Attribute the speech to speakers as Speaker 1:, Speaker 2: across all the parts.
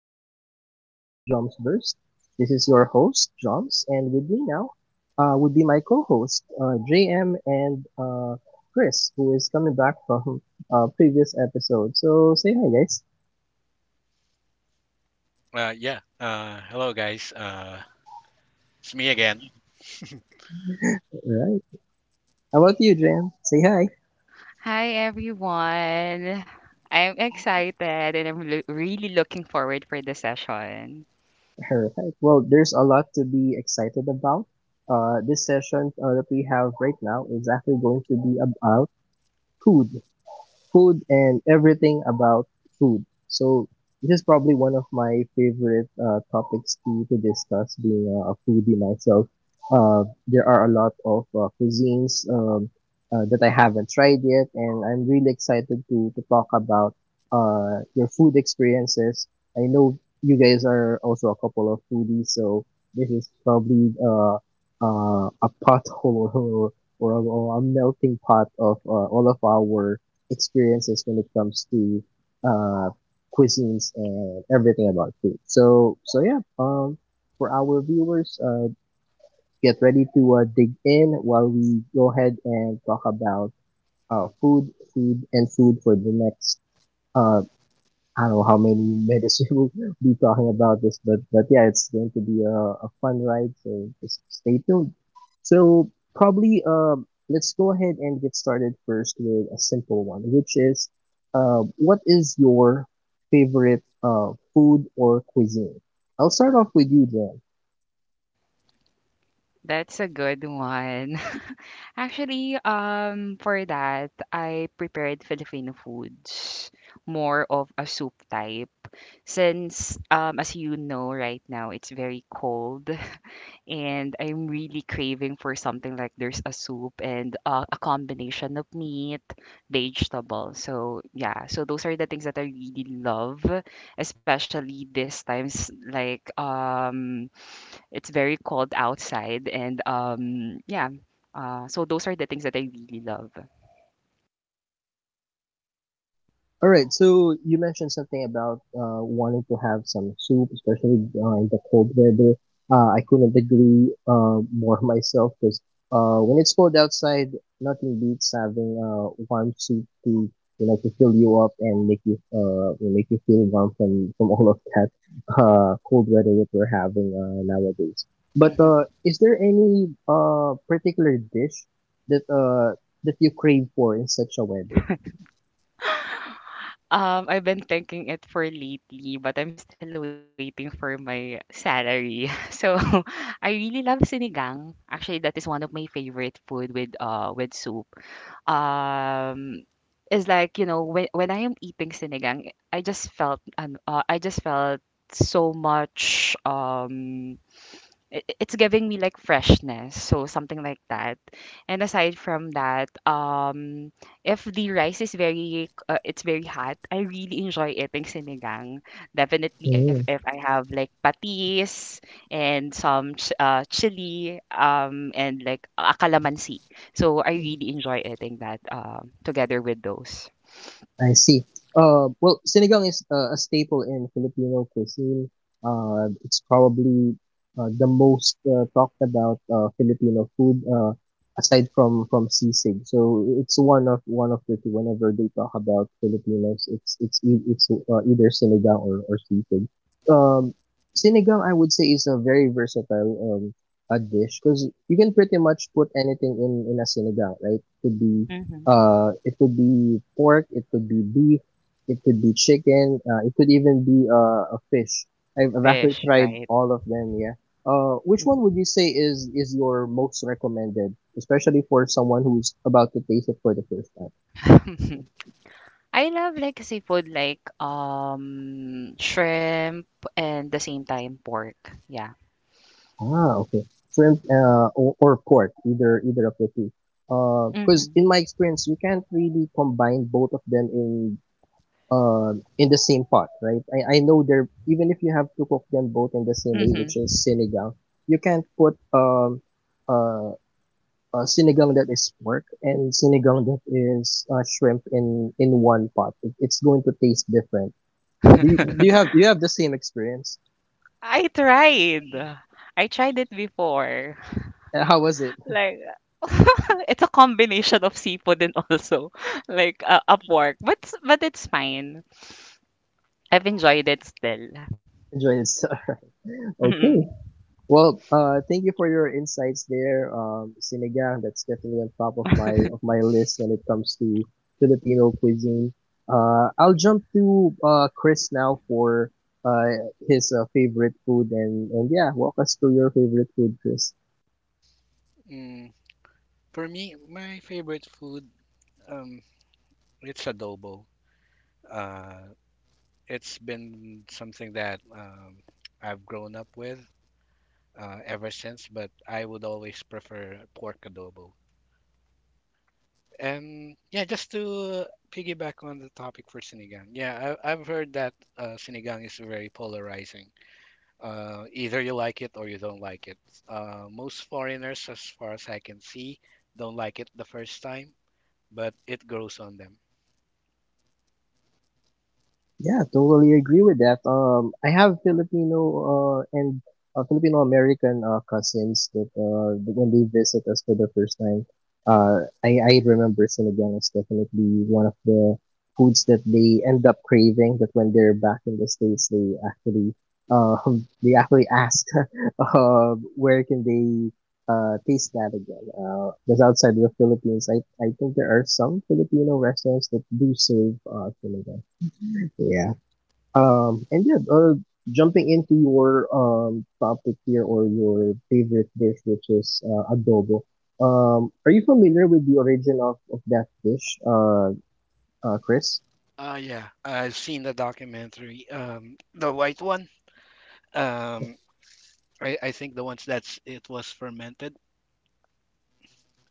Speaker 1: another episode of Joms Burst. This is your host, Joms, and with me now would be my co host, JM and Chris, who is coming back from previous episode. So say hi, guys.
Speaker 2: Yeah. Hello, guys. It's me again.
Speaker 1: Alright. How about you, JM? Say hi.
Speaker 3: Hi everyone. I'm excited and really looking forward for the session.
Speaker 1: Alright. Well, there's a lot to be excited about. This session that we have right now is actually going to be about food. Food and everything about food. So this is probably one of my favorite topics to discuss. Being a foodie myself, there are a lot of cuisines that I haven't tried yet, and I'm really excited to talk about your food experiences. I know you guys are also a couple of foodies, so this is probably a pothole or a melting pot of all of our experiences when it comes to uh, cuisines and everything about food. So yeah, for our viewers, get ready to dig in while we go ahead and talk about food, food, and food for the next uh, I don't know how many metas we'll be talking about this, but yeah, it's going to be a fun ride. So just stay tuned. So probably let's go ahead and get started first with a simple one, which is what is your favorite food or cuisine? I'll start off with you, Jen.
Speaker 3: That's a good one. Actually, for that, I prepared Filipino foods, more of a soup type since as you know right now, it's very cold and I'm really craving for something like there's a soup and a combination of meat, vegetable. So yeah, so those are the things that I really love, especially this times like it's very cold outside and yeah, so those are the things that I really love.
Speaker 1: All right. So you mentioned something about wanting to have some soup, especially in the cold weather. I couldn't agree more myself because when it's cold outside, nothing beats having warm soup to fill you up and make you feel warm from all of that cold weather that we're having nowadays. But
Speaker 3: Mm-hmm.
Speaker 1: is there any particular dish that uh that you crave for in such a weather?
Speaker 3: I've been thinking it for lately, but I'm still waiting for my salary. So I really love sinigang. Actually, that is one of my favorite food with soup. Um, is like you know when I am eating sinigang, I just felt and I just felt so much it's giving me like freshness, so something like that. And aside from that, if the rice is very it's very hot, I really enjoy eating sinigang, definitely if I have like patis and some chili and like a calamansi, so I really enjoy eating that together with those.
Speaker 1: I see. Well, sinigang is a staple in Filipino cuisine. It's probably the most talked about Filipino food aside from sisig. So it's one of the two. Whenever they talk about Filipinos, it's either sinigang or sisig. Um, sinigang, I would say, is a very versatile a dish because you can pretty much put anything in a sinigang, right? Could be
Speaker 3: Hmm.
Speaker 1: it could be pork, it could be beef, it could be chicken, it could even be a fish. I've
Speaker 3: Fish,
Speaker 1: actually
Speaker 3: right?
Speaker 1: tried all of them. Yeah. Which one
Speaker 3: Mhm.
Speaker 1: would you say is your most recommended, especially for someone who's about to taste it for the first time?
Speaker 3: I love like seafood like shrimp and the same time pork. Yeah.
Speaker 1: Ah, okay. Shrimp, or pork, either of the two. Because
Speaker 3: Mhm.
Speaker 1: in my experience, you can't really combine both of them in the same pot, right? I know they're even if you have to cook them both in the same way,
Speaker 3: Mhm.
Speaker 1: which is sinigang, you can't put uh, sinigang that is pork and sinigang that is shrimp in one pot. It's going to taste different. Do you, do you have do you have the same experience?
Speaker 3: I tried. I tried it before.
Speaker 1: How was it?
Speaker 3: Like it's a combination of seafood and also like a pork. But it's fine. I've enjoyed it still.
Speaker 1: Enjoy it.
Speaker 3: Mhm.
Speaker 1: Okay. Well, thank you for your insights there, sinigang. That's definitely on top of my list when it comes to Filipino cuisine. I'll jump to Chris now for uh, his favorite food and yeah, walk us through your favorite food, Chris.
Speaker 2: Mm, for me, my favorite food, um, it's adobo. Uh, it's been something that I've grown up with ever since, but I would always prefer pork adobo. And yeah, just to piggyback on the topic for sinigang, yeah, I've heard that sinigang is very polarizing. Either you like it or you don't like it. Most foreigners, as far as I can see, don't like it the first time, but it grows on them.
Speaker 1: Yeah, totally agree with that. I have Filipino and Filipino American cousins that when they visit us for the first time, I remember sinigang is definitely one of the foods that they end up craving. That when they're back in the states, they actually uh, they actually ask where can they taste that again. Because outside of the Philippines, I think there are some Filipino restaurants that do serve sinigang. Yeah. And yeah, jumping into your topic here or your favorite dish, which is adobo. Are you familiar with the origin of that dish, Chris?
Speaker 2: Yeah, I've seen the documentary, the white one. Um, I think the ones that's it was fermented.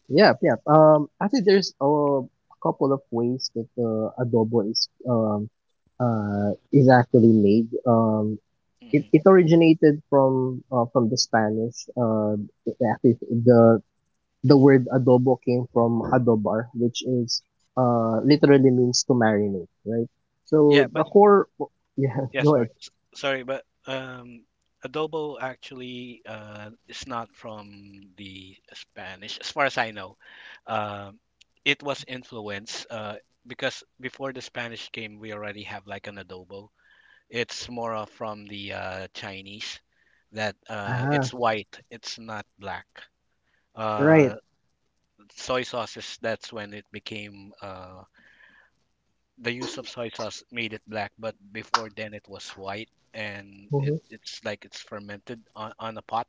Speaker 1: Yeah, yeah. Actually, there's a couple of ways that adobo is actually made. Um, it,
Speaker 2: hmm
Speaker 1: it originated from from the Spanish. Actually, the word adobo came from adobar, which is literally means to marinate, right?
Speaker 2: Yeah,
Speaker 1: So the
Speaker 2: but
Speaker 1: core, yeah,
Speaker 2: Yeah,
Speaker 1: go ahead.
Speaker 2: sorry. Sorry, but adobo actually is not from the Spanish, as far as I know. Um it was influenced because before the Spanish came, we already have like an adobo. It's more of from the Chinese that
Speaker 1: Ah,
Speaker 2: it's white, it's not black.
Speaker 1: right.
Speaker 2: Uh, Soy sauces, that's when it became the use of soy sauce made it black, but before then it was white, and it's like it's fermented on a pot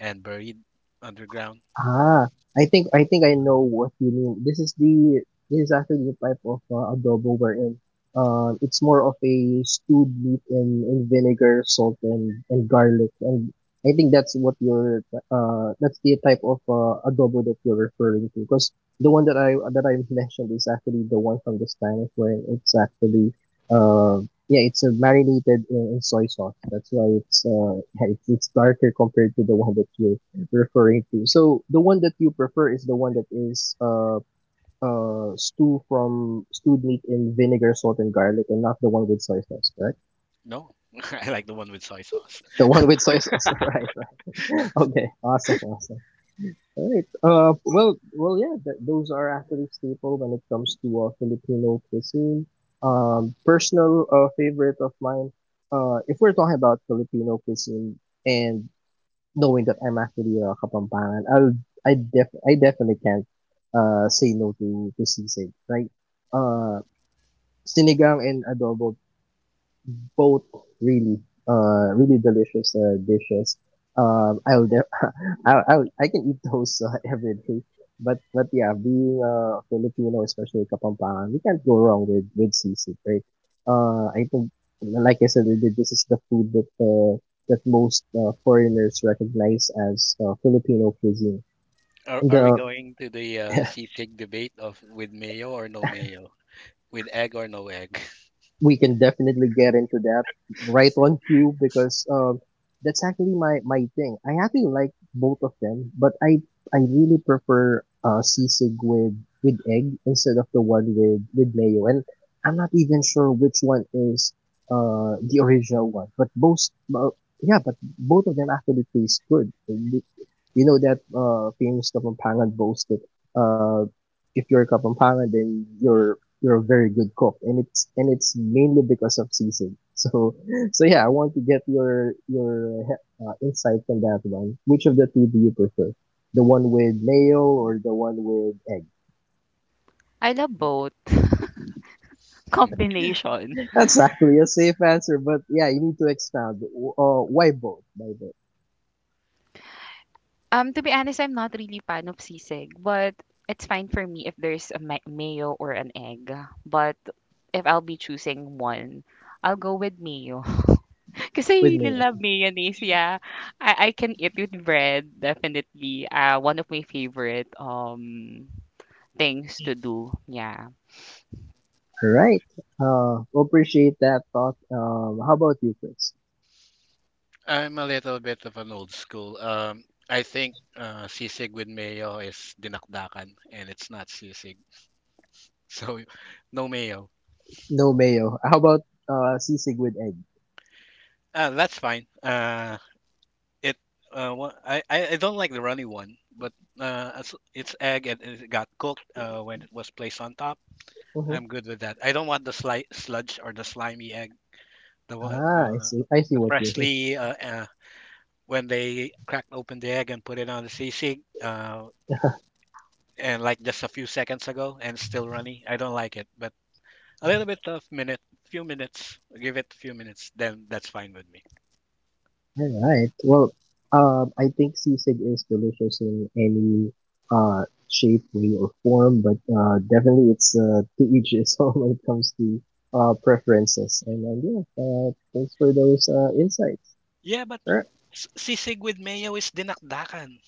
Speaker 2: and buried underground.
Speaker 1: Ah, I think I know what you mean. This is actually the type of adobo we're in. It's more of a stewed meat in vinegar, salt, and garlic, and I think that's what you're that's the type of adobo that you're referring to. Because the one that I mentioned is actually the one from the Spanish, where it's actually yeah it's marinated in soy sauce. That's why it's it's darker compared to the one that you referring to. So the one that you prefer is the one that is stewed meat in vinegar, salt, and garlic, and not the one with soy sauce, right?
Speaker 2: No, I like the one with soy sauce.
Speaker 1: The one with soy sauce, right? Right. Okay. Awesome. Awesome. All right. Well. Yeah. Those are actually staple when it comes to Filipino cuisine. Personal favorite of mine. If we're talking about Filipino cuisine and knowing that I'm actually a Kapampangan, I definitely can't say no to sisig. Like uh sinigang and adobo both really really delicious dishes. Um, I'll, de- I can eat those every day. But yeah, being a Filipino, especially Kapampangan, we can't go wrong with sisig, right? I think like I said, earlier, this is the food that most foreigners recognize as Filipino cuisine.
Speaker 2: Are we
Speaker 1: The
Speaker 2: going to the sisig debate of with mayo or no mayo, with egg or no egg?
Speaker 1: we can definitely get into that right on cue because that's actually my thing. I actually like both of them, but I really prefer sisig with egg instead of the one with mayo. And I'm not even sure which one is the original one, but uh, both of them actually taste good. And the- You know that famous kapampangan boast that uh if you're kapampangan then you're you're a very good cook, and it's mainly because of season. So yeah, I want to get your insight on that one. Which of the two do you prefer? The one with mayo or the one with egg?
Speaker 3: I love both
Speaker 2: Mm.
Speaker 3: combination.
Speaker 1: That's actually a safe answer, but yeah, you need to expound. Why both? Why both?
Speaker 3: To be honest, I'm not really fan of sisig, but it's fine for me if there's a mayo or an egg. But if I'll be choosing one, I'll go with mayo. Because I
Speaker 1: With
Speaker 3: really
Speaker 1: mayo.
Speaker 3: love mayonnaise, yeah. I can eat with bread, definitely. One of my favorite things to do, yeah.
Speaker 1: All right. Appreciate that thought. How about you, Chris?
Speaker 2: I'm a little bit of an old school. I think sisig with mayo is dinakdakan, and it's not sisig, so no mayo.
Speaker 1: No mayo. How about sisig with egg?
Speaker 2: That's fine. It wha- I don't like the runny one, but as it's egg and it got cooked when it was placed on top.
Speaker 1: Mm-hmm.
Speaker 2: I'm good with that. I don't want the sli sludge or the slimy egg. The one-
Speaker 1: Ah, I
Speaker 2: uh,
Speaker 1: see. I see
Speaker 2: the
Speaker 1: what you
Speaker 2: freshly when they cracked open the egg and put it on the sisig and like just a few seconds ago and still runny. I don't like it, but a little bit of minute, few minutes, give it a few minutes, then that's fine with me.
Speaker 1: All right. Well, I think sisig is delicious in any uh shape, way, or form, but definitely it's to each his own when it comes to preferences. And yeah, thanks for those insights.
Speaker 2: Yeah, but
Speaker 1: Right.
Speaker 2: sisig with mayo is dinakdakan.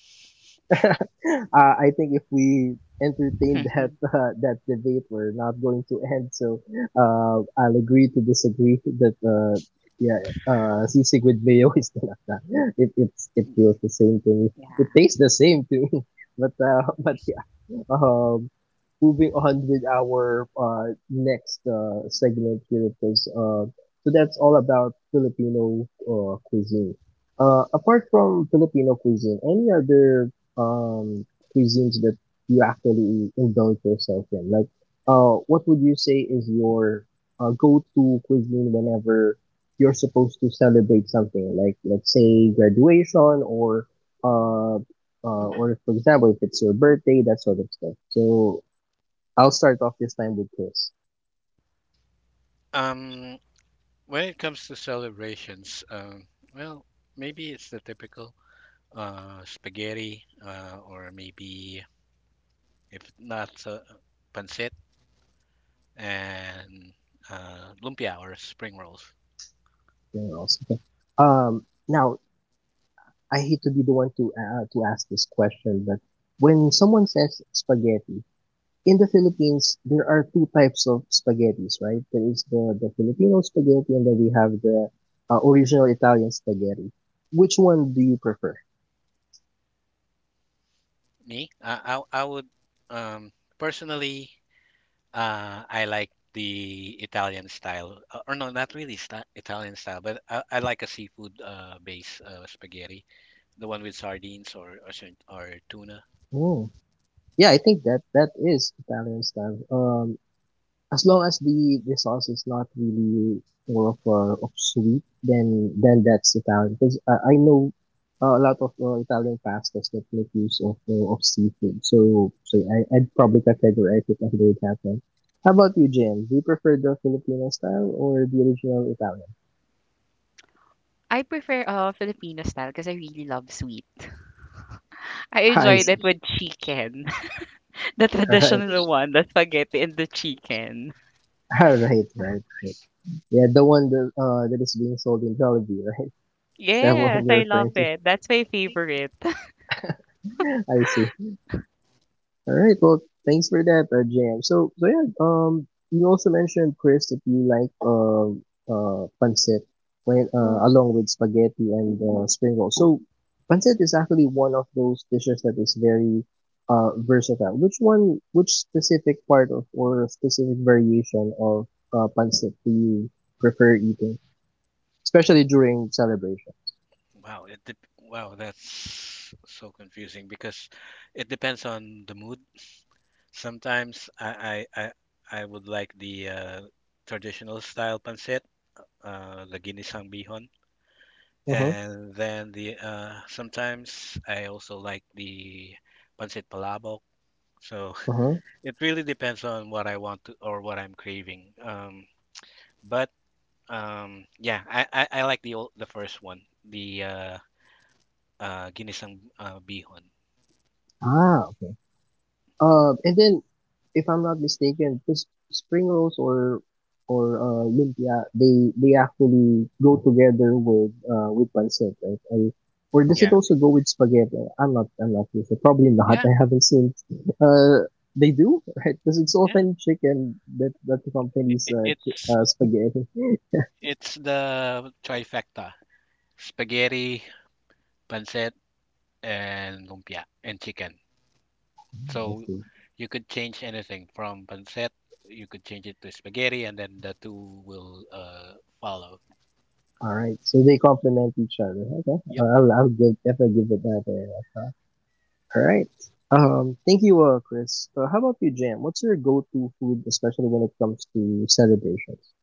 Speaker 1: I think if we entertain that that debate, we're not going to end. So I'll agree to disagree that yeah, sisig with mayo is talaga. It feels the same to me. It
Speaker 3: Yeah.
Speaker 1: tastes the same to me. But But yeah. Um, moving on with our next segment here because so that's all about Filipino cuisine. Apart from Filipino cuisine, any other um cuisines that you actually indulge yourself in? Like, what would you say is your go-to cuisine whenever you're supposed to celebrate something? Like, let's say graduation uh, or for example, if it's your birthday, that sort of stuff. So I'll start off this time with Chris.
Speaker 2: Um, When it comes to celebrations, well, maybe it's the typical spaghetti, or maybe if not pancit and lumpia or spring rolls.
Speaker 1: You know, so- now I hate to be the one to ask this question, but when someone says spaghetti, in the Philippines, there are two types of spaghettis, right? There is the Filipino spaghetti, and then we have the original Italian spaghetti. Which one do you prefer?
Speaker 2: I would um, personally, I like the Italian style, or no, not really sta Italian style, but I like a seafood base spaghetti, the one with sardines or tuna.
Speaker 1: Oh, yeah, I think that that is Italian style. As long as the sauce is not really more of sweet, then that's Italian. Because I know a lot of Italian pastas that make use of seafood. So I'd probably categorize it under that one. How about you, Jim? Do you prefer the Filipino style or the original Italian?
Speaker 3: I prefer Filipino style because I really love sweet. I
Speaker 1: I
Speaker 3: enjoy that
Speaker 1: see.
Speaker 3: with chicken, the
Speaker 1: All right,
Speaker 3: traditional one, the spaghetti and the chicken.
Speaker 1: all right, right, right. Yeah, the one that is being sold in Jollibee, right? Is that what
Speaker 3: Yes,
Speaker 1: you're
Speaker 3: I
Speaker 1: referring
Speaker 3: love
Speaker 1: to?
Speaker 3: it. That's my favorite.
Speaker 1: I see. All right. Well, thanks for that, Jam. So yeah. You also mentioned Chris that you like pancit when along with spaghetti and spring rolls. So, pancit is actually one of those dishes that is very versatile. Which one? Which specific part of or specific variation of pancit do you prefer eating, especially during celebration?
Speaker 2: Wow, it dep wow, that's so confusing because it depends on the mood. Sometimes I would like the traditional style pancit, the ginisang bihon,
Speaker 1: Uh huh.
Speaker 2: and then the sometimes I also like the pancit palabok. So
Speaker 1: Uh huh.
Speaker 2: it really depends on what I want to or what I'm craving. But yeah, I like the old, the first one, the ginisang bihon.
Speaker 1: Ah, okay. And then, if I'm not mistaken, the spring rolls or lumpia, they actually go together with pancit, right? And, or does it
Speaker 2: Yeah,
Speaker 1: also go with spaghetti? I'm not sure. So probably not.
Speaker 2: Yeah,
Speaker 1: I haven't seen. They do, right? Because it's
Speaker 2: yeah.
Speaker 1: often chicken that
Speaker 2: I-
Speaker 1: accompanies
Speaker 2: i- it's
Speaker 1: spaghetti.
Speaker 2: it's the trifecta: spaghetti, pancit, and lumpia and chicken.
Speaker 1: I
Speaker 2: So
Speaker 1: see.
Speaker 2: you could change anything from pancit, you could change it to spaghetti, and then the two will follow.
Speaker 1: All right, so they complement each other. Okay,
Speaker 2: Yep.
Speaker 1: I'll give, definitely give it that. Uh, All right. Thank you, Chris. So how about you, Jam? What's your go-to food, especially when it comes to celebrations?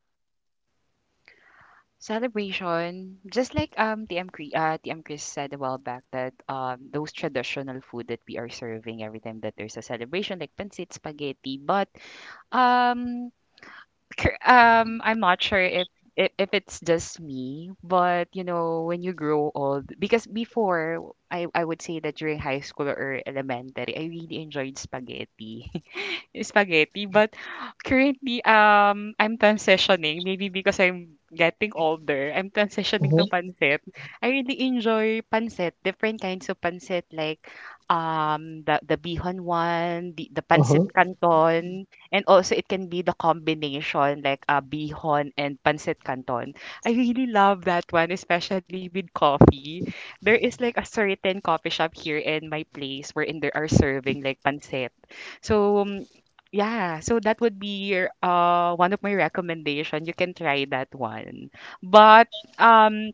Speaker 3: Celebration, just like TM Chris, TM Chris said a while back that those traditional food that we are serving every time that there's a celebration, like pancit, spaghetti, but um I'm not sure if if it's just me, but you know, when you grow old, because before I would say that during high school or elementary, I really enjoyed spaghetti. Spaghetti, but currently I'm transitioning, maybe because I'm getting older, I'm
Speaker 1: Uh
Speaker 3: transitioning to
Speaker 1: huh.
Speaker 3: pancit. I really enjoy pancit, different kinds of pancit like the bihon one, the pancit
Speaker 1: Uh-huh.
Speaker 3: canton, and also it can be the combination like bihon and pancit canton. I really love that one, especially with coffee. There is like a certain coffee shop here in my place wherein they are serving like pancit. So yeah, so that would be your, one of my recommendation. You can try that one. But um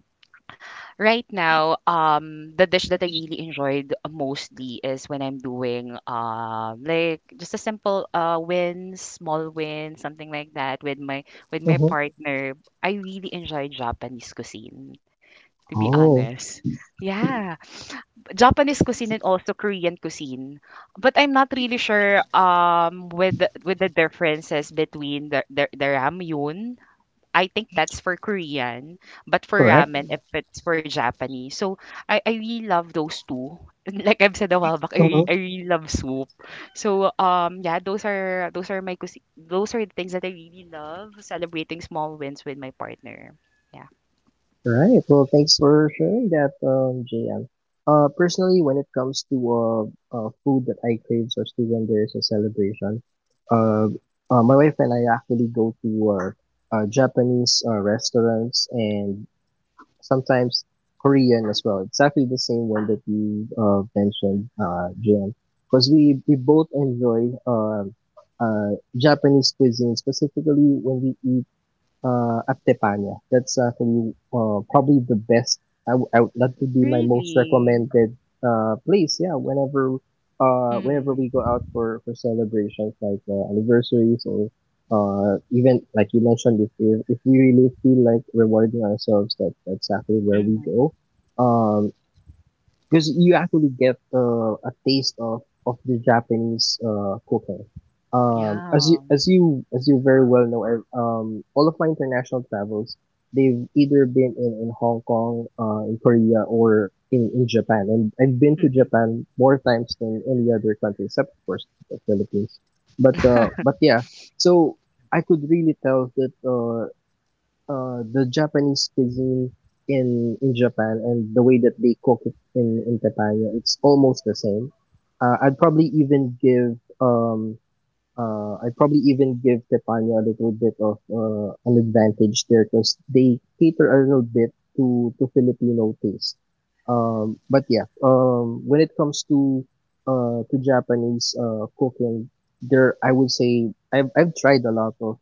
Speaker 3: right now, the dish that I really enjoyed mostly is when I'm doing like just a simple small win, something like that with my
Speaker 1: Uh-huh.
Speaker 3: partner. I really enjoy Japanese cuisine, to be
Speaker 1: Oh,
Speaker 3: honest. Yeah, Japanese cuisine and also Korean cuisine. But I'm not really sure with the differences between the ramyun. I think that's for Korean, but for
Speaker 1: correct.
Speaker 3: ramen, if it's for Japanese. So I really love those two. Like I've said a while back,
Speaker 1: Uh-huh.
Speaker 3: I really love soup. So yeah, those are my cuisine. Those are the things that I really love celebrating small wins with my partner. Yeah.
Speaker 1: Right. Well, thanks for sharing that, Jam. Personally, when it comes to food that I crave, especially when there's a celebration, uh, my wife and I actually go to Japanese restaurants and sometimes Korean as well. Exactly the same one that you mentioned, Jen. Because we both enjoy Japanese cuisine, specifically when we eat Actepania. That's for me, probably the best. I, w- I would- that would be my most
Speaker 3: Really?
Speaker 1: recommended place. Yeah, whenever we
Speaker 3: Mm-hmm.
Speaker 1: go out for, celebrations like anniversaries or even like you mentioned, if, if we really feel like rewarding ourselves, that's exactly where we
Speaker 3: Mm-hmm.
Speaker 1: go. Um, because you actually get a taste of the Japanese cooking. As you
Speaker 3: Yeah.
Speaker 1: very well know, all of my international travels, they've either been in, Hong Kong, in Korea, or in, Japan. And I've been to
Speaker 3: Mm-hmm.
Speaker 1: Japan more times than any other country, except of course the Philippines. But yeah, so I could really tell that the Japanese cuisine in Japan and the way that they cook it in Tepanya, it's almost the same. I'd probably even give Tepanya a little bit of an advantage there because they cater a little bit to Filipino taste. But yeah, when it comes to Japanese cooking, there I would say I've tried a lot of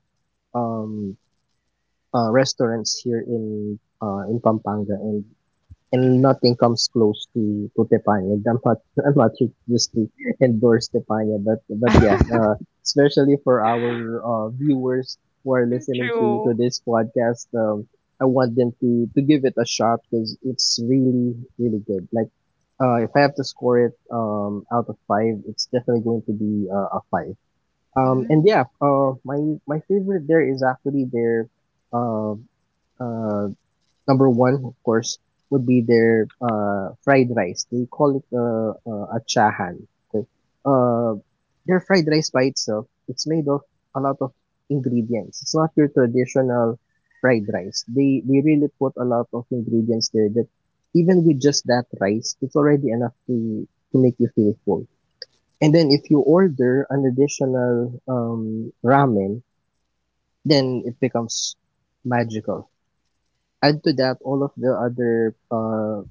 Speaker 1: um restaurants here in Pampanga,
Speaker 3: Mm-hmm.
Speaker 1: and nothing comes close to Tepanya. I'm not I'm not just to endorse Tepanya, but yeah, especially for our viewers who are listening to
Speaker 3: True.
Speaker 1: this podcast, I want them to give it a shot because it's really really good. Like. If I have to score it out of 5, it's definitely going to be a 5. And yeah,
Speaker 3: Mm.
Speaker 1: my favorite there is actually their uh, uh, number one, of course, would be their fried rice. They call it achahan. Okay. Uh, their fried rice by itself, it's made of a lot of ingredients. It's not your traditional fried rice. They really put a lot of ingredients there that even with just that rice, it's already enough to make you feel full. And then if you order an additional ramen, then it becomes magical. Add to that all of the other uh,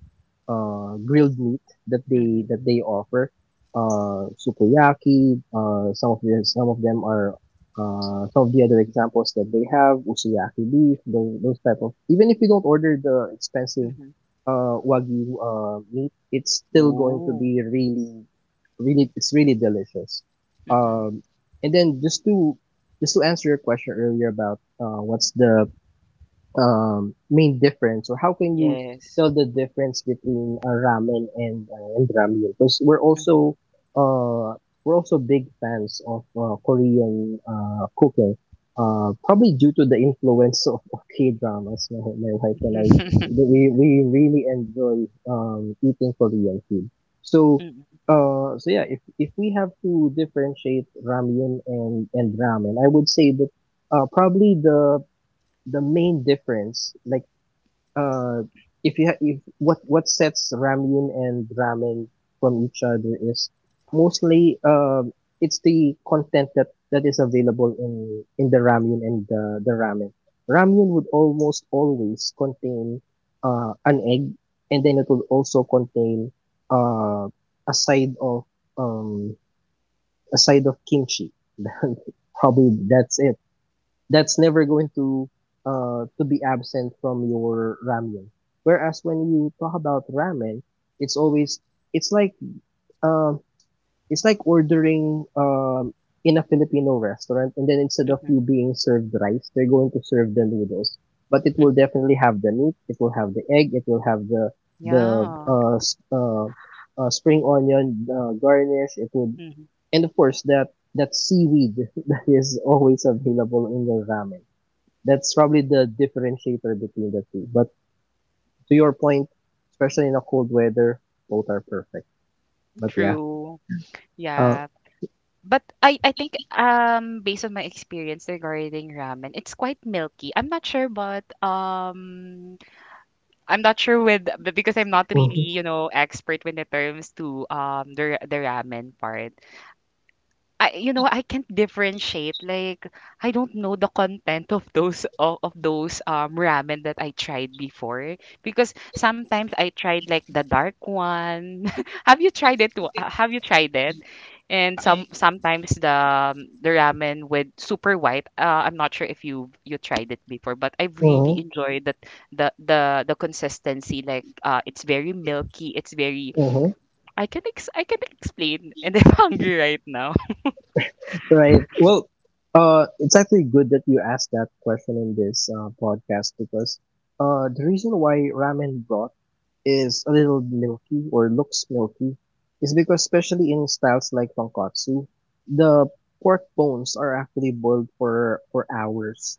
Speaker 1: uh, grilled meat that they
Speaker 3: Mm-hmm.
Speaker 1: offer. Sukiyaki. Some of them are some of the other examples that they have usuyaki beef. Those, type of even if you don't order the expensive wagyu meat, it's still going to
Speaker 3: Oh.
Speaker 1: be really really it's really delicious.
Speaker 3: Mm-hmm.
Speaker 1: Um, and then just to answer your question earlier about what's the main difference, or how can you
Speaker 3: Yes.
Speaker 1: tell the difference between ramen and ramyun? Because we're
Speaker 3: Mm-hmm.
Speaker 1: also uh, big fans of Korean cooking. Probably due to the influence of, K dramas, my, wife and I, we really enjoy eating Korean food. So,
Speaker 3: Mm-hmm.
Speaker 1: so yeah, if we have to differentiate ramyun and ramen, I would say that probably the main difference, like uh, if you if what sets ramyun and ramen from each other is mostly it's the content that is available in the ramyun and the ramen. Ramyun would almost always contain an egg, and then it would also contain uh, a side of um, kimchi. Probably that's never going to be absent from your ramen. Whereas when you talk about ramen, it's always it's like um it's like ordering in a Filipino restaurant and then instead of
Speaker 3: Mm-hmm.
Speaker 1: you being served rice, they're going to serve the noodles. But it will definitely have the meat, it will have the egg, it will have the
Speaker 3: Yeah.
Speaker 1: spring onion garnish, it would
Speaker 3: Mhm.
Speaker 1: and of course that seaweed that is always available in the ramen. That's probably the differentiator between the two. But to your point, especially in a cold weather, both are perfect. But yeah,
Speaker 3: True.
Speaker 1: uh,
Speaker 3: Yeah. But I think based on my experience regarding ramen, it's quite milky. I'm not sure but I'm not sure with because I'm not
Speaker 1: mhm,
Speaker 3: really, you know, expert when it terms to the ramen part. I, you know, I can't differentiate. Like I don't know the content of those of those ramen that I tried before because sometimes I tried like the dark one. Have you tried it? Have you tried it? And some sometimes the ramen with super white. I'm not sure if you you tried it before, but I've really
Speaker 1: mhm,
Speaker 3: enjoyed that the consistency. Like it's very milky. It's very
Speaker 1: mhm.
Speaker 3: I can explain, and I'm hungry right now.
Speaker 1: Right. Well, it's actually good that you asked that question in this podcast because the reason why ramen broth is a little milky or looks milky is because especially in styles like tonkatsu, the pork bones are actually boiled for hours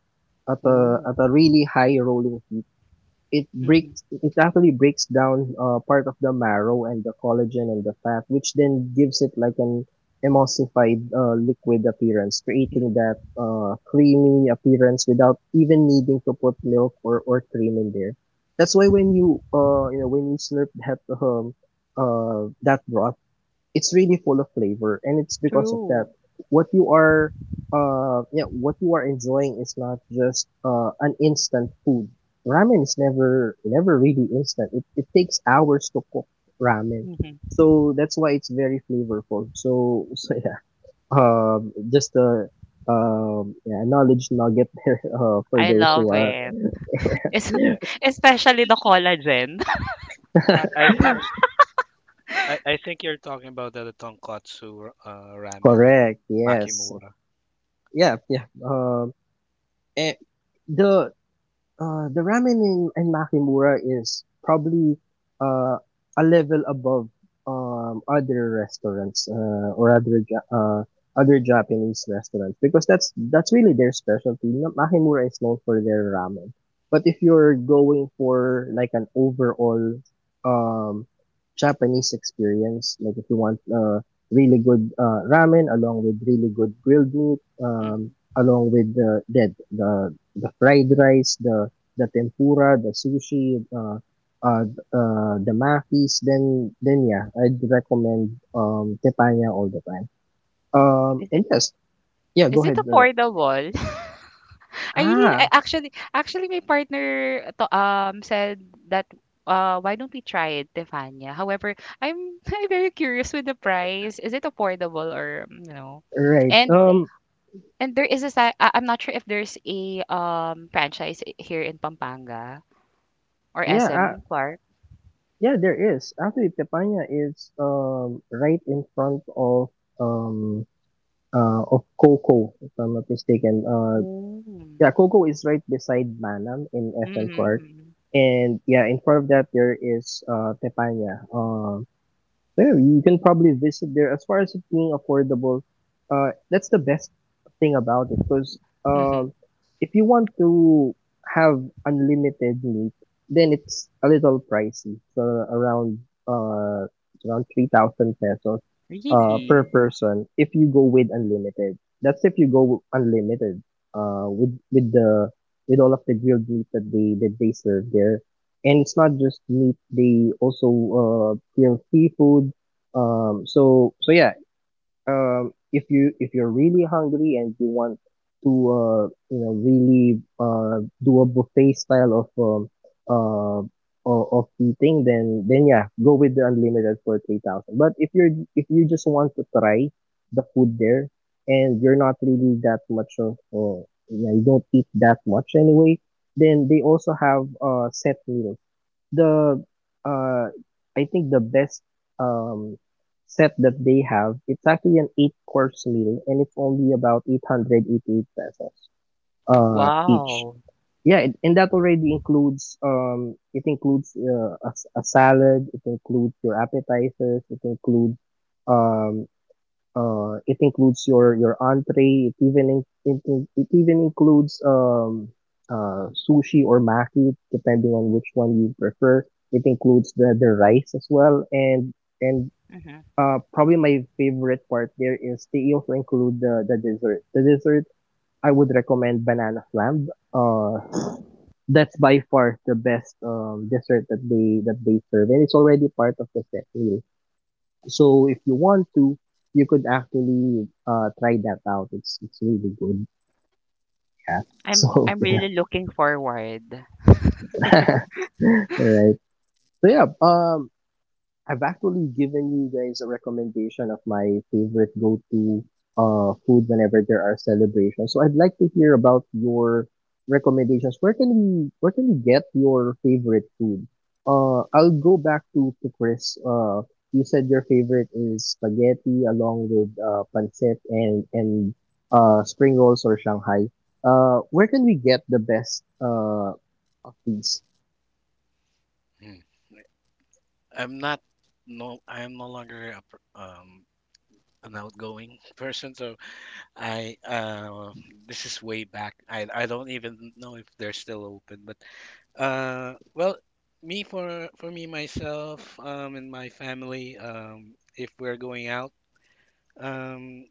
Speaker 1: at a really high rolling heat.
Speaker 3: Mhm,
Speaker 1: It actually breaks down part of the marrow and the collagen and the fat, which then gives it like an emulsified liquid appearance,
Speaker 3: mm,
Speaker 1: creating that creamy appearance without even needing to put milk or, cream in there. That's why when you you know when you slurp that broth, it's really full of flavor, and it's because of
Speaker 3: true,
Speaker 1: that what you are yeah what you are enjoying is not just an instant food. Ramen is never really instant. It, takes hours to cook ramen,
Speaker 3: mhm.
Speaker 1: so that's why it's very flavorful, so so yeah, just a yeah knowledge nugget there, for
Speaker 3: I
Speaker 1: those who
Speaker 3: love
Speaker 1: are
Speaker 3: it. Es
Speaker 2: Yeah.
Speaker 3: especially the collagen.
Speaker 2: I think I think you're talking about the tonkatsu ramen in
Speaker 1: Correct. Yes.
Speaker 2: Makimura.
Speaker 1: Yeah, yeah. And the the ramen in, Makimura is probably uh, a level above other restaurants other Japanese restaurants because that's really their specialty. Makimura is known for their ramen, but if you're going for like an overall um, Japanese experience, like if you want really good ramen along with really good grilled meat,
Speaker 3: Mhm.
Speaker 1: along with the fried rice, the tempura, the sushi, uh, the makis, then yeah, I'd recommend tepanya all the time.
Speaker 3: Is
Speaker 1: And
Speaker 3: it
Speaker 1: yes, yeah,
Speaker 3: is
Speaker 1: go
Speaker 3: it
Speaker 1: ahead.
Speaker 3: affordable? I
Speaker 1: Ah,
Speaker 3: actually actually my partner to, said that why don't we try it, Tefania? However, I'm I'm very curious with the price. Is it affordable or mm, you know?
Speaker 1: right.
Speaker 3: And and there is a I- I'm not sure if there's a franchise here in Pampanga or
Speaker 1: Yeah,
Speaker 3: SM Clark.
Speaker 1: yeah, there is actually tepanya is right in front of um Coco, if I'm not mistaken.
Speaker 3: Mm.
Speaker 1: Yeah, Coco is right beside Manam in FM Court.
Speaker 3: Mm-hmm.
Speaker 1: And yeah, in front of that there is Tepanya. So yeah, you can probably visit there. As far as it being affordable, that's the best thing about it. Because
Speaker 3: Mhm.
Speaker 1: um, if you want to have unlimited meat, then it's a little pricey. So around uh it's around 3,000 pesos per
Speaker 3: Really?
Speaker 1: person if you go with unlimited. That's if you go unlimited uh with with the with all of the grilled meat that they serve there, and it's not just meat, they also grill seafood. So yeah, if you if you're really hungry and you want to really do a buffet style of uh eating, then yeah, go with the unlimited for 3,000. But if you're if you just want to try the food there, and you're not really that much of you know, you don't eat that much anyway, then they also have set meals. The uh I think the best um set that they have, it's actually an eight course meal and it's only about 888 pesos
Speaker 3: Oh,
Speaker 1: each.
Speaker 3: wow.
Speaker 1: Yeah, and that already includes it includes a salad, it includes your appetizers, it includes um your, entree. It even, it even includes, sushi or maki, depending on which one you prefer. It includes the rice as well. And, Probably my favorite part there is they also include the dessert. The dessert, I would recommend banana flam. That's by far the best, dessert that they serve. And it's already part of the set meal. So if you want to, you could actually try that out. It's really good. Yeah. So
Speaker 3: I'm
Speaker 1: yeah.
Speaker 3: really looking forward.
Speaker 1: All right. So yeah. I've actually given you guys a recommendation of my favorite go-to food whenever there are celebrations. So I'd like to hear about your recommendations. Where can we get your favorite food? I'll go back to Chris. You said your favorite is spaghetti along with pancit and spring rolls or Shanghai. Where can we get the best of these?
Speaker 2: Hmm. I'm not no I'm no longer an outgoing person, so I this is way back. I don't even know if they're still open, but well, me for me myself and my family, if we're going out, um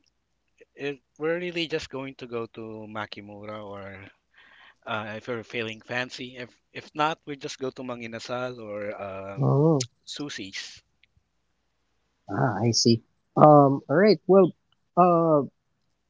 Speaker 2: we're really just going to go to Makimura or if we're feeling fancy. If not, we just go to Manginasal or Sushi's.
Speaker 1: Ah, I see. Alright, well, uh,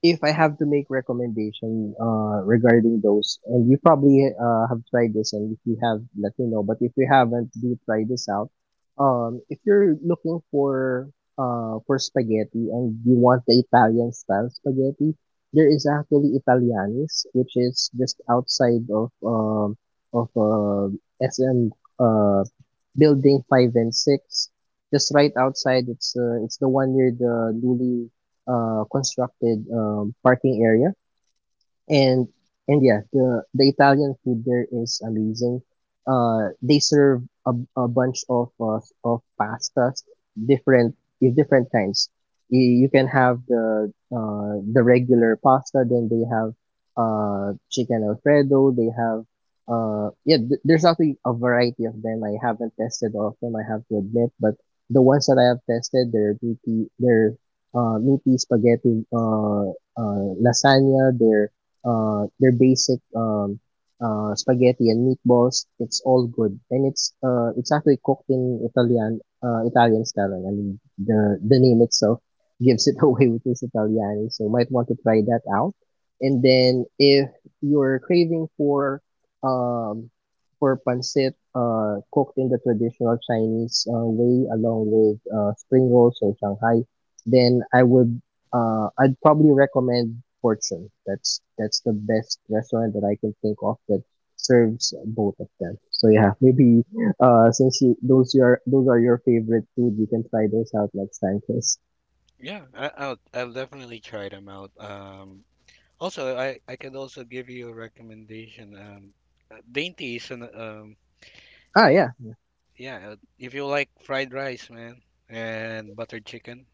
Speaker 1: if I have to make recommendation regarding those, and you probably have tried this, and if you have, let me know. But if you haven't, do try this out. If you're looking for spaghetti and you want the Italian style spaghetti, there is actually Italianis, which is just outside of of uh, SM uh, building five and six, just right outside. It's the one near the newly constructed parking area and and yeah, the Italian food there is amazing. They serve a bunch of pastas, different with different kinds. You can have the regular pasta, then they have chicken alfredo. They have there's actually a variety of them. I haven't tested all of them. I have to admit, but the ones that I have tested, they're meaty spaghetti, lasagna, they're their basic spaghetti and meatballs. It's all good, and it's actually cooked in Italian style. I mean, the name itself gives it away, which is Italiani. So you might want to try that out. And then if you're craving um, for pancit cooked in the traditional Chinese way, along with spring rolls or Shanghai, then I'd probably recommend Fortune. That's the best restaurant that I can think of that serves both of them. So yeah, maybe since you, those your those are your favorite food, you can try those out next time, Chris.
Speaker 2: Yeah, I'll definitely try them out. Also, I could also give you a recommendation. Dainty is an
Speaker 1: Ah, yeah.
Speaker 2: yeah. If you like fried rice, man, and buttered chicken.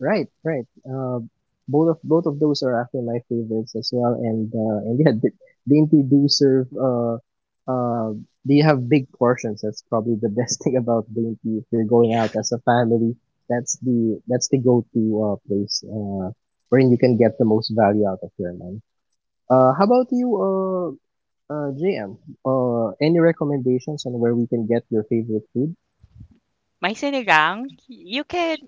Speaker 1: Right, right. Both of those are actually my favorites as well, and yeah, the do serve. Uh, they have big portions. That's probably the best thing about dainty. If you're going
Speaker 2: Yeah.
Speaker 1: out as a family, that's the go-to place wherein you can get the most value out of your money. How about you, JM? Any recommendations on where we can get your favorite food?
Speaker 3: My sinigang,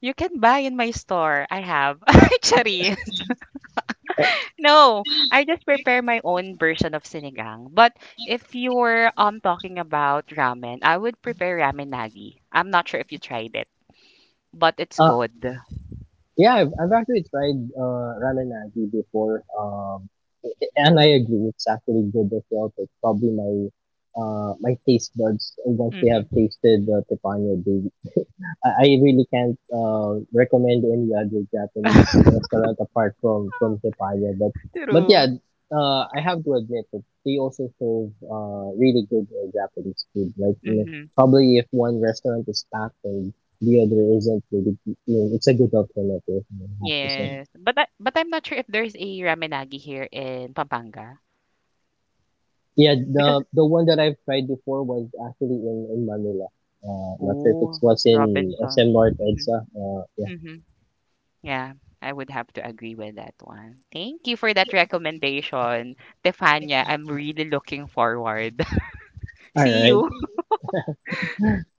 Speaker 3: you can buy in my store. I have. Actually. No, I just prepare my own version of sinigang. But if you're talking about ramen, I would prepare ramen nagi. I'm not sure if you tried it, but it's
Speaker 1: Uh,
Speaker 3: good.
Speaker 1: Yeah, I've actually tried ramen nagi before, and I agree it's actually good as well. But probably my taste buds once they have
Speaker 3: Mhm.
Speaker 1: tasted the teppanyaki, they I really can't recommend any other Japanese restaurant apart from Teppanyaki. But yeah,
Speaker 3: True.
Speaker 1: I have to admit that they also serve really good Japanese food. Like you know,
Speaker 3: Mhm.
Speaker 1: probably if one restaurant is packed and the other isn't, really, you know, it's a good alternative. I have to say.
Speaker 3: Yes. But I, but I'm not sure if there's a ramen nagi here in Pampanga.
Speaker 1: Yeah,
Speaker 3: Because.
Speaker 1: the one that I've tried before was actually in Manila. Not sure if it
Speaker 3: Oh,
Speaker 1: was in SM
Speaker 3: Robinson.
Speaker 1: North
Speaker 3: Mhm,
Speaker 1: Edsa. Yeah.
Speaker 3: mhm. Yeah, I would have to agree with that one. Thank you for that recommendation, Tefania. I'm really looking forward.
Speaker 1: All
Speaker 3: See
Speaker 1: right.
Speaker 3: you.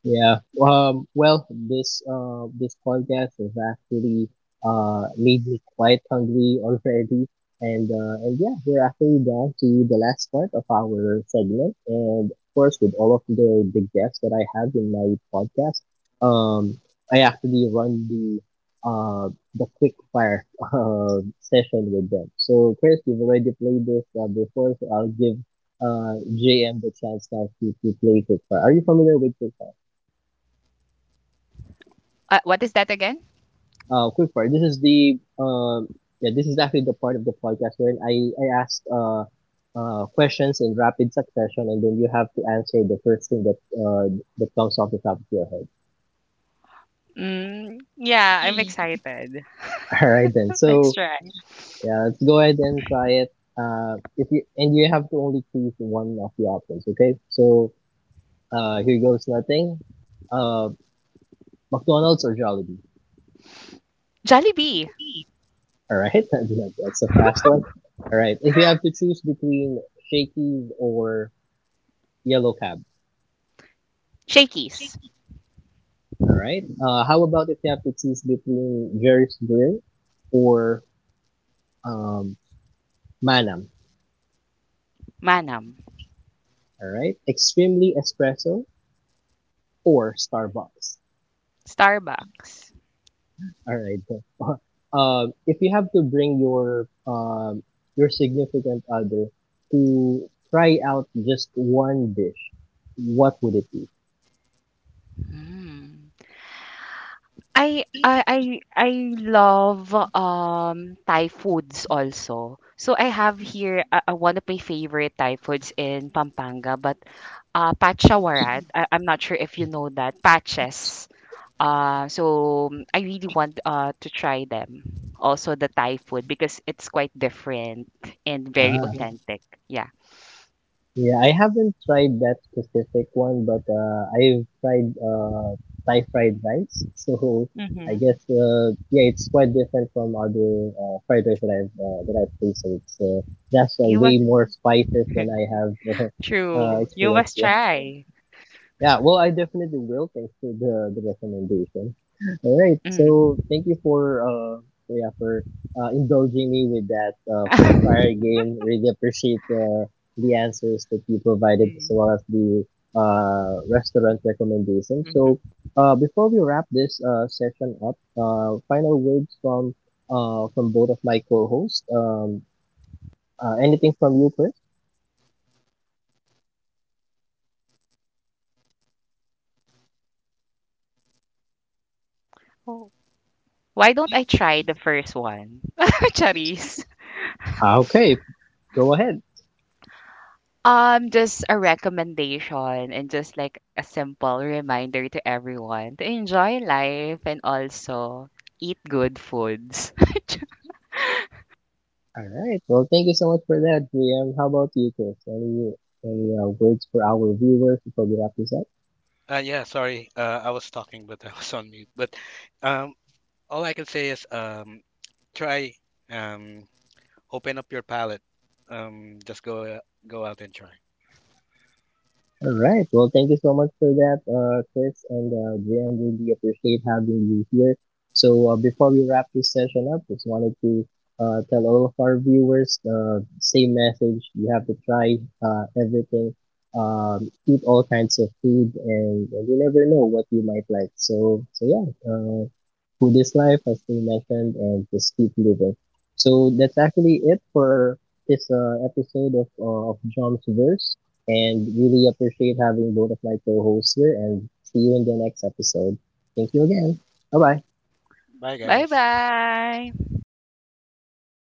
Speaker 1: Yeah. Well, this podcast has actually made me quite hungry already, and yeah, we're actually down to the last part of our segment, and of course, with all of the guests that I have in my podcast, um, I actually run the quick fire session with them. So Chris, you've already played this before, so I'll give JM the chance now to play quick fire. Are you familiar with quick fire?
Speaker 3: What is that again?
Speaker 1: Quick part. This is actually the part of the podcast where I ask questions in rapid succession, and then you have to answer the first thing that comes off the top of your head.
Speaker 3: Mm, yeah, I'm excited.
Speaker 1: All right, then.
Speaker 3: Let's
Speaker 1: So
Speaker 3: try.
Speaker 1: yeah, let's go ahead and try it. If you and you have to only choose one of the options. Okay, here goes nothing. Uh, McDonald's or Jollibee.
Speaker 3: Jollibee.
Speaker 1: All right, that's a fast one. All right, if you have to choose between Shakey's or Yellow Cab,
Speaker 3: Shakey's.
Speaker 1: all right. How about if you have to choose between Jerry's Grill or um, Manam?
Speaker 3: Manam.
Speaker 1: All right. Extremely Espresso or Starbucks?
Speaker 3: Starbucks.
Speaker 1: All right. If you have to bring your significant other to try out just one dish, what would it be?
Speaker 3: Mm. I love Thai foods also. So I have here one of my favorite Thai foods in Pampanga, but pachawarat. I, I'm not sure if you know that paches. So mm, I really want to try them. Also the Thai food because it's quite different and very
Speaker 1: Ah,
Speaker 3: authentic. Yeah.
Speaker 1: yeah, I haven't tried that specific one, but I've tried Thai fried rice. So I
Speaker 3: Mm-hmm.
Speaker 1: guess yeah, it's quite different from other fried rice that I've tasted. It's that's
Speaker 3: You
Speaker 1: Way
Speaker 3: must
Speaker 1: more spices than I have
Speaker 3: true. You
Speaker 1: experienced.
Speaker 3: must
Speaker 1: Yeah.
Speaker 3: try.
Speaker 1: Yeah, well, I definitely will. Thanks for the recommendation. All right,
Speaker 3: Mm.
Speaker 1: so thank you for indulging me with that quick fire game. Really appreciate the answers that you provided as well
Speaker 3: Mm-hmm.
Speaker 1: as the restaurant recommendation. So before we wrap this session up, final words from both of my co-hosts. Anything from you, Chris?
Speaker 3: Why don't I try the first one? Charis.
Speaker 1: Ah, okay, go ahead.
Speaker 3: Just a recommendation and just like a simple reminder to everyone to enjoy life and also eat good foods.
Speaker 1: All right. Well, thank you so much for that, GM. How about you, Chris? Any words for our viewers before we wrap this up?
Speaker 2: Yeah. Sorry, I was talking, but I was on mute. But um, all I can say is try um, open up your palate. Just go go out and try.
Speaker 1: All right. Well, thank you so much for that, Chris and Jan. Really appreciate having you here. So, before we wrap this session up, just wanted to tell all of our viewers the same message. You have to try everything, eat all kinds of food, and you never know what you might like. So, so yeah, food is life, as we mentioned, and just keep living. So, that's actually it for this episode of John's Verse and really appreciate having both of my co hosts here. And see you in the next episode. Thank you again. Bye bye.
Speaker 2: Bye,
Speaker 3: Bye
Speaker 2: guys.
Speaker 3: bye.